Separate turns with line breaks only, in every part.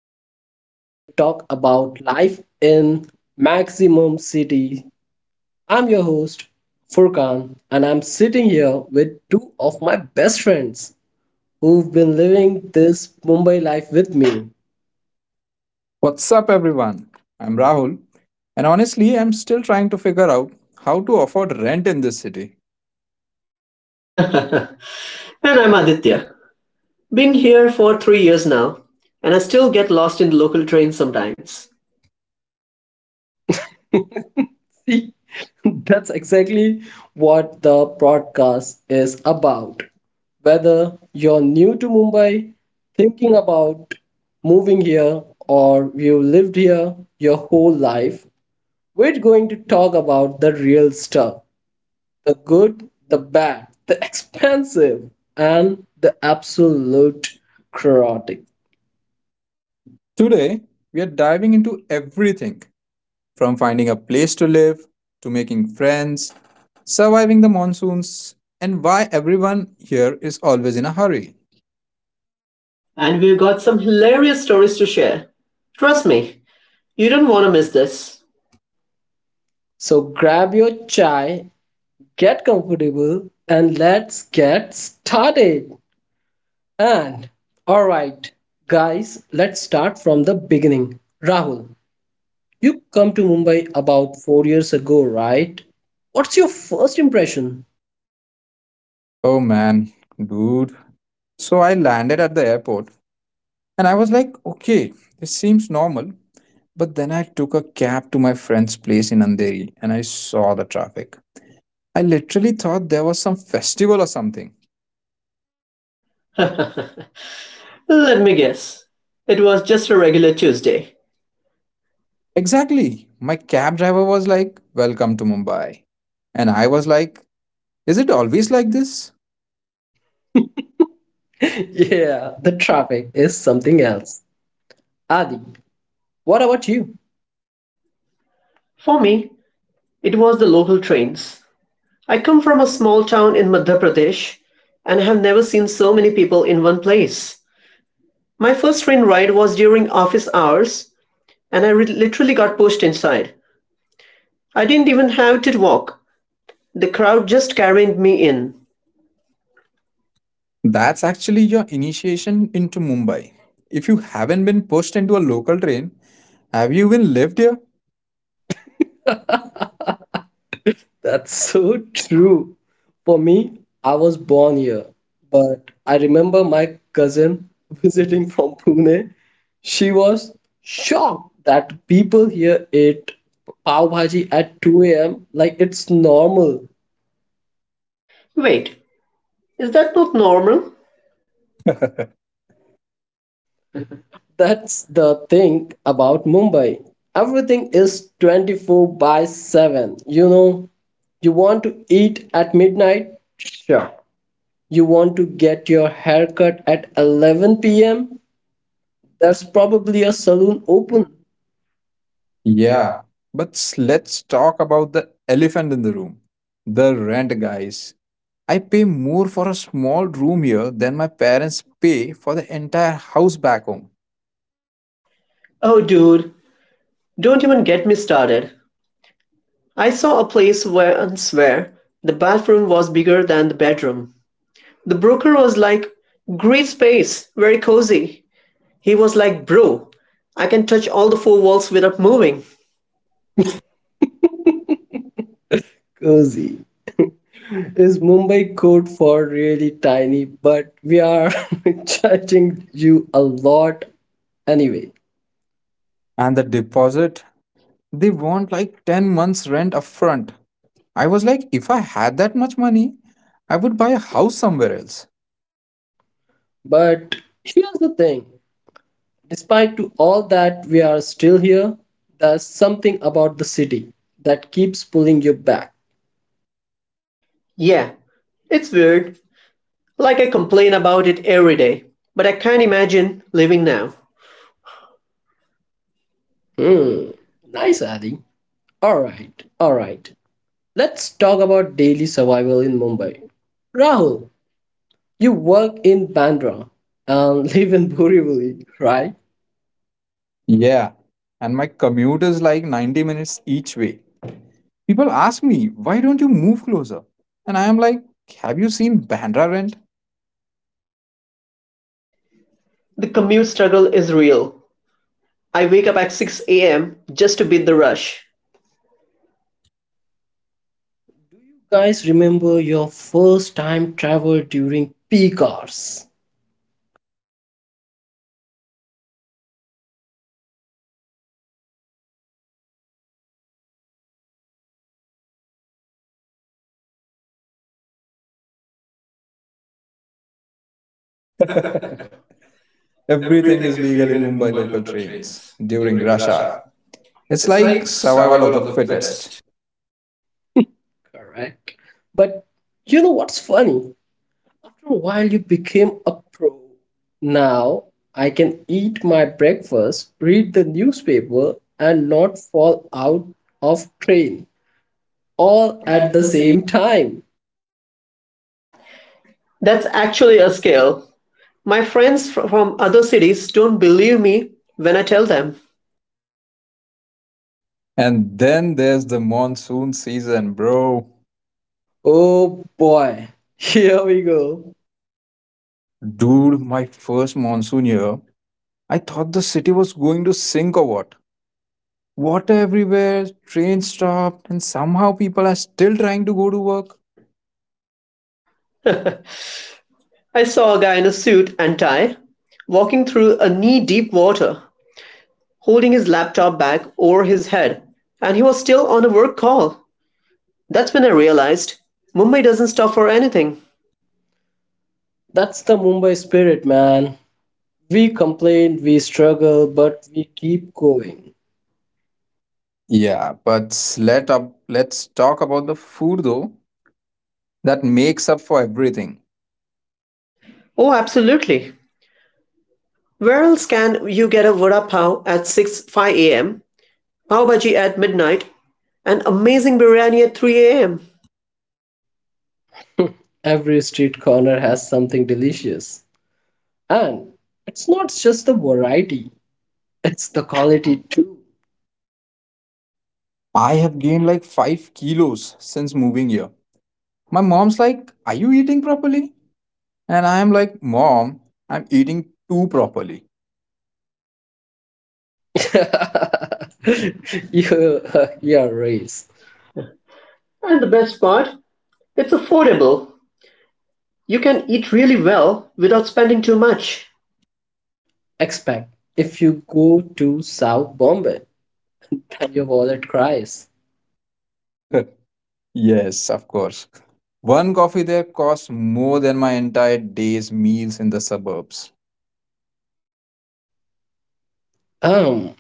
dose of real talk about life in maximum city. I'm your host Furkan and I'm sitting here with two of my best friends who've been living this Mumbai life with me.
What's up, everyone? I'm Rahul, and honestly, I'm still trying to figure out how to afford rent in this city.
And I'm Aditya. Been here for 3 years now, and I still get lost in the local trains sometimes.
See, that's exactly what the broadcast is about. Whether you're new to Mumbai, thinking about moving here, or you've lived here your whole life, we're going to talk about the real stuff, the good, the bad, the expensive, and the absolute chaotic.
Today, we are diving into everything from finding a place to live to making friends, surviving the monsoons, and why everyone here is always in a hurry.
And we've got some hilarious stories to share. Trust me, you don't want to miss this.
So grab your chai, get comfortable, and let's get started. And all right, guys, let's start from the beginning. Rahul, you come to Mumbai about four years ago, right? What's your first impression?
Oh man, dude. So I landed at the airport and I was like, okay, this seems normal. But then I took a cab to my friend's place in Andheri and I saw the traffic. I literally thought there was some festival or something.
Let me guess. It was just a regular Tuesday.
Exactly. My cab driver was like, Welcome to Mumbai. And I was like, Is it always like this?
Yeah, the traffic is something else. Adi, what about you?
For me, it was the local trains. I come from a small town in Madhya Pradesh and have never seen so many people in one place. My first train ride was during office hours, and literally got pushed inside. I didn't even have to walk. The crowd just carried me in.
That's actually your initiation into Mumbai. If you haven't been pushed into a local train, have you even lived here?
That's so true. For me, I was born here, but I remember my cousin visiting from Pune. She was shocked that people here ate pav bhaji at 2 a.m. like it's normal.
Wait, is that not normal?
That's the thing about Mumbai. Everything is 24 by 7. You know, you want to eat at midnight? Sure. You want to get your haircut at 11 p.m.? That's probably a saloon open. Yeah.
Yeah, but let's talk about the elephant in the room, the rent, guys. I pay more for a small room here than my parents pay for the entire house back home.
Oh, dude, don't even get me started. I saw a place once where the bathroom was bigger than the bedroom. The broker was like, "Great space, very cozy." He was like, "Bro, I can touch all the four walls without moving."
Cozy is Mumbai code for really tiny, but we are charging you a lot anyway.
And the deposit, they want like 10 months rent upfront. I was like, if I had that much money, I would buy a house somewhere else.
But here's the thing, despite to all that we are still here, there's something about the city that keeps pulling you back.
Yeah, it's weird. Like, I complain about it every day, but I can't imagine living now.
Hmm, nice, Adi. Alright, alright. Let's talk about daily survival in Mumbai. Rahul, you work in Bandra and live in Borivali, right?
Yeah. And my commute is like 90 minutes each way. People ask me, why don't you move closer? And I am like, have you seen Bandra rent?
The commute struggle is real. I wake up at 6 a.m. just to beat the rush.
Guys, remember your first time travel during peak hours,
Everything is legal in Mumbai local trains during rush hour. It's like survival of the fittest.
correct? But you know what's funny? After a while, you became a pro. Now I can eat my breakfast, read the newspaper, and not fall out of train all at the same time.
That's actually a skill. My friends from other cities don't believe me when I tell them.
And then there's the monsoon season, bro.
Oh boy, here we go.
Dude, my first monsoon year, I thought the city was going to sink or what. Water everywhere, trains stopped, and somehow people are still trying to go to work.
I saw a guy in a suit and tie walking through a knee deep water, holding his laptop bag over his head, and he was still on a work call. That's when I realized Mumbai doesn't stop for anything.
That's the Mumbai spirit, man. We complain, we struggle, but we keep going.
Yeah, but let's talk about the food though. That makes up for everything.
Oh, absolutely. Where else can you get a vada pav at 6 5 a.m., pav bhaji at midnight, and amazing biryani at 3 a.m.?
Every street corner has something delicious. And it's not just the variety, it's the quality too.
I have gained like 5 kilos since moving here. My mom's like, "Are you eating properly?" And I am like, "Mom, I'm eating too properly."
You, your race.
And the best part, it's affordable. You can eat really well without spending too much.
Expect if you go to South Bombay, then your wallet cries.
Yes, of course. One coffee there costs more than my entire day's meals in the suburbs.
Um,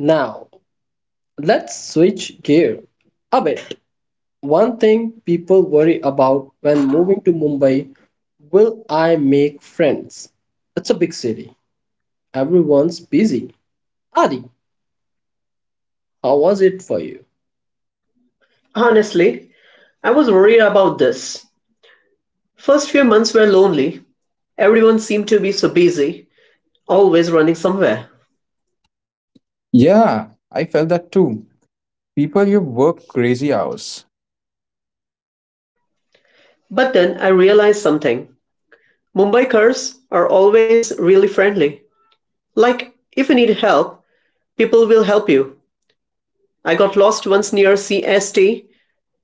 Now let's switch gear a bit. One thing people worry about when moving to Mumbai, will I make friends? It's a big city. Everyone's busy. Adi, how was it for you?
Honestly, I was worried about this. First few months were lonely. Everyone seemed to be so busy, always running somewhere.
Yeah, I felt that too. People, you work crazy hours.
But then I realized something. Mumbaikars are always really friendly. Like, if you need help, people will help you. I got lost once near CST,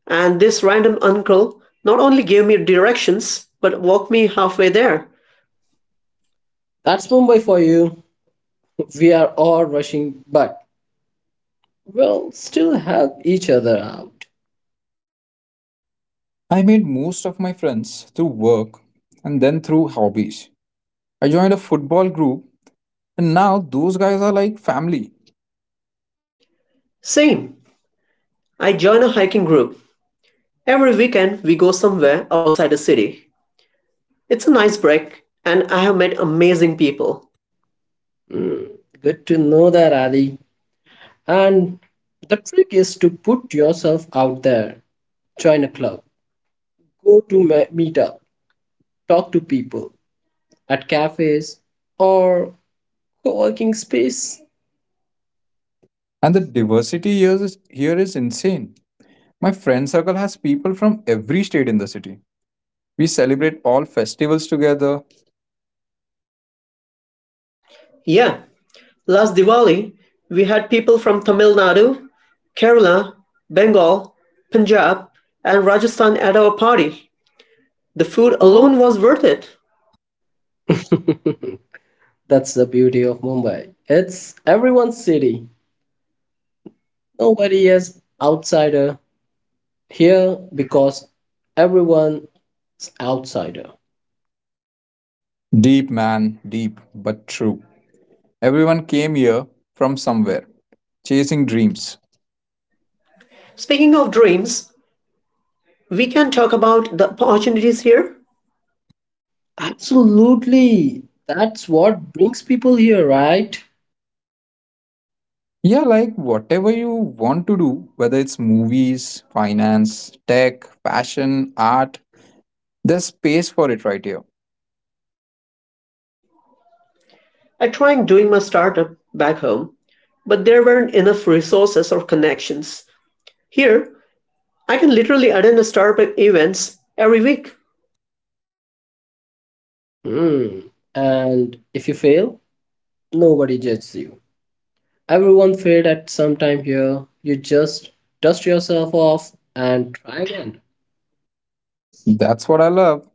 and this random uncle not only gave me directions, but walked me halfway there.
That's Mumbai for you. We are all rushing, but we'll still help each other out.
I made most of my friends through work and then through hobbies. I joined a football group and now those guys are like family.
Same. I join a hiking group. Every weekend, we go somewhere outside the city. It's a nice break, and I have met amazing people.
Hmm, good to know that, Adi. And the trick is to put yourself out there. Join a club, go to meetup, talk to people at cafes or co-working space,
And the diversity here is insane. My friend circle has people from every state in the city. We celebrate all festivals together.
Yeah, last Diwali, we had people from Tamil Nadu, Kerala, Bengal, Punjab, and Rajasthan at our party.
the
The
food
food
alone.
alone was worth it.
That's the beauty of Mumbai. It's everyone's city. Nobody is outsider here because everyone's outsider.
Deep, man, deep, but true. Everyone came here from somewhere, chasing dreams.
Speaking of dreams, we can talk about the opportunities here.
Absolutely. That's what brings people here, right?
Yeah, like whatever you want to do, whether it's movies, finance, tech, fashion, art, there's space for it right here.
I tried doing my startup back home, but there weren't enough resources or connections. Here, I can literally attend a startup events every week.
Hmm. And if you fail, nobody judges you. Everyone failed at some time here. You just dust yourself off and try.
That's what I love.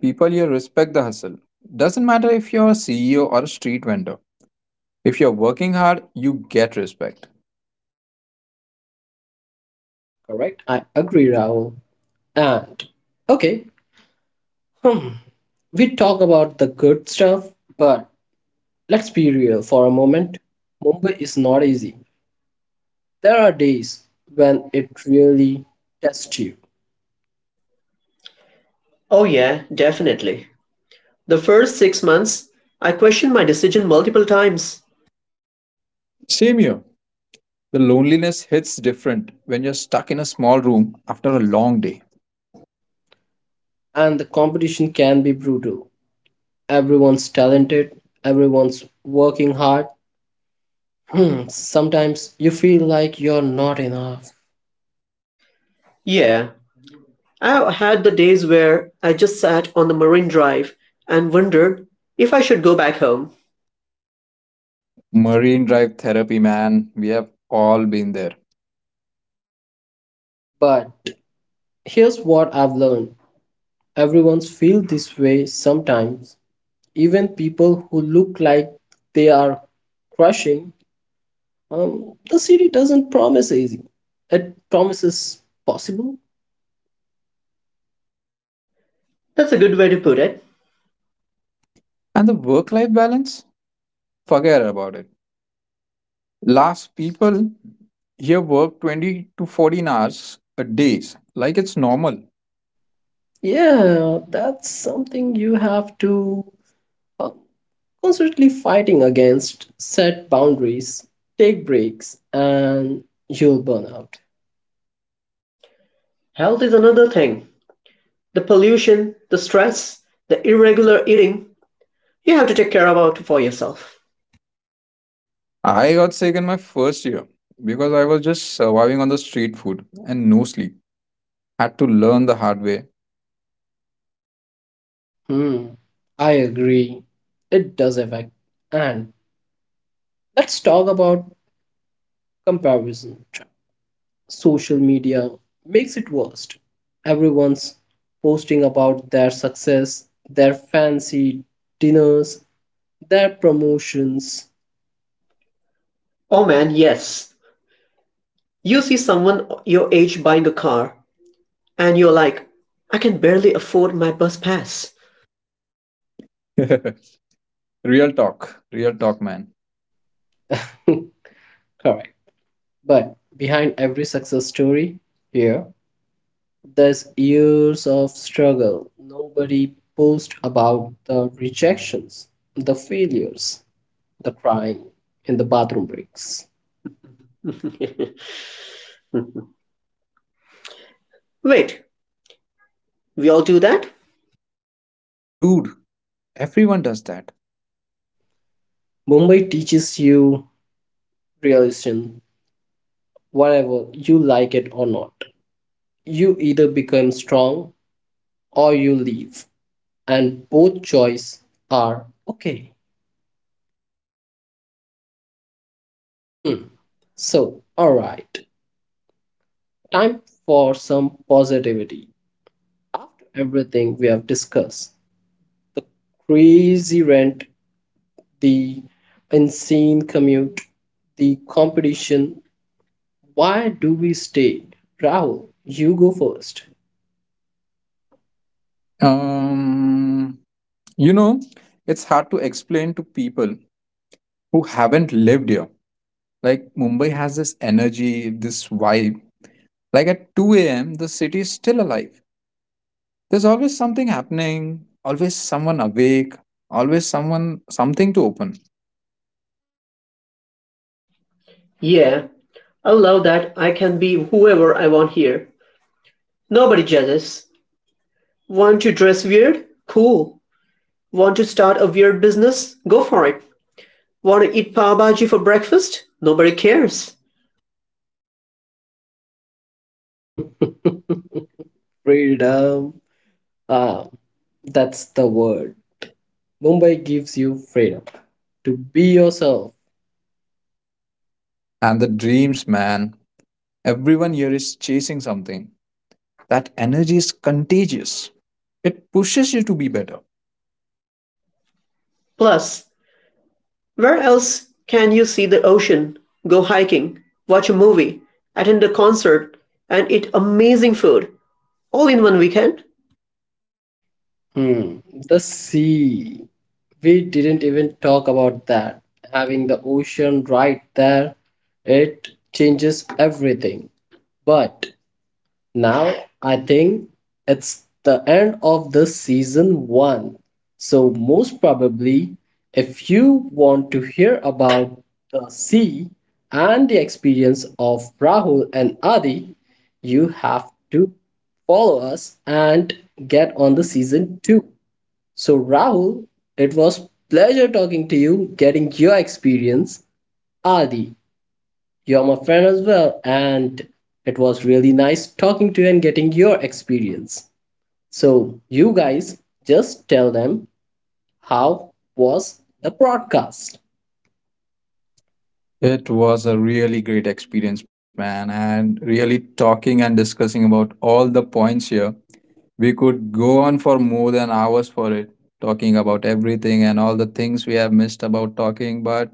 People here respect the hustle. Doesn't matter if you're a CEO or a street vendor. If you're working hard, you get respect.
Correct. I agree, Rahul. And okay. Hmm. We talk about the good stuff, but let's be real for a moment. Mumbai is not easy. There are days when it really tests you,
Oh yeah, definitely. The first 6 months, I questioned my decision multiple times.
Same here. The loneliness hits different when you're stuck in a small room after a long day.
and the competition can be brutal. Everyone's talented, everyone's working hard. Hmm, sometimes you feel like you're not enough.
Yeah, I had the days where I just sat on the marine drive and wondered if I should go back home.
Marine Drive therapy, man. We have all been there.
But here's what I've learned, everyone's feel this way sometimes. Even people who look like they are crushing. The city doesn't promise easy. It promises possible.
That's a good way to put it.
And the work life balance? Forget about it. Last people here work 20 to 14 hours a day, like it's normal.
Yeah, that's something you have to uh, constantly fighting against. Set boundaries, take breaks, and you'll burn out.
Health is another thing. The pollution, the stress, the irregular eating, you have to take care about for yourself.
I got sick in my first year because I was just surviving on the street food and no sleep. Had to learn the hard way.
Hmm, I agree. It does affect. And let's talk about comparison trap. Social media makes it worst. Everyone's posting about their success, their fancy dinners, their promotions.
Oh man, yes. You see someone your age buying a car, and you're like, I can barely afford my bus pass.
Real talk, real talk, man.
Correct. But behind every success story here, there's years of struggle. Nobody posts about the rejections, the failures, the crying, and the bathroom breaks.
Wait, we all do that?
Dude, everyone does that.
Mumbai teaches you realism, whatever you like it or not. You either become strong or you leave, and both choices are okay. Hmm. So, all right. Time for some positivity. After everything we have discussed, crazy rent, the insane commute, the competition, why do we stay? Rahul, you go first.
Um, you know, it's hard to explain to people who haven't lived here. Like Mumbai has this energy, this vibe. Like at 2 a.m., the city is still alive. There's always something happening, always someone awake, always someone something to open.
Yeah, I love that I can be whoever I want here. Nobody jealous. Want to dress weird? Cool. Want to start a weird business? Go for it. Want to eat pav bhaji for breakfast? Nobody cares.
Freedom. Ah, that's the word. Mumbai gives you freedom to be yourself.
And the dreams, man, everyone here is chasing something. That energy is contagious. It pushes you to be better.
Plus, where else can you see the ocean, go hiking, watch a movie, attend a concert, and eat amazing food all in one weekend?
Hmm, the sea. We didn't even talk about that. Having the ocean right there, it changes everything. But now I think it's the end of the season one. So, most probably, if you want to hear about the sea and the experience of Rahul and Adi, you have to follow us and get on the season two. So Rahul, it was pleasure talking to you, getting your experience. Adi, you're my friend as well, and it was really nice talking to you and getting your experience. So you guys just tell them how was the broadcast.
It was a really great experience, man, and really talking and discussing about all the points here. We could go on for more than hours for it, talking about everything and all the things we have missed about talking, but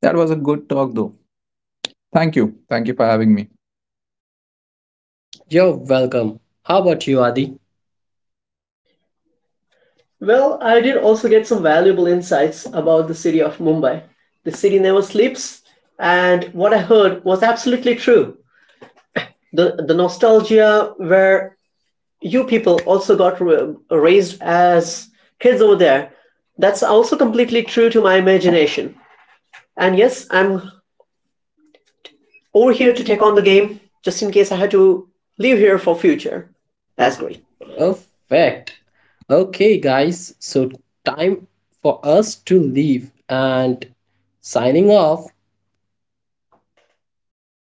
that was a good talk, though. Thank you. Thank you for having me.
You're welcome. How about you, Adi?
Well, I did also get some valuable insights about the city of Mumbai. The city never sleeps, and what I heard was absolutely true. The nostalgia where you people also got raised as kids over there, that's also completely true to my imagination. And yes, I'm over
Over
here
here
to
to
take
take
on
on
the
the
game
game.
just in case I had to leave here for future. That's
That's good.
great.
Perfect. Okay, guys, so time for us to leave and signing off.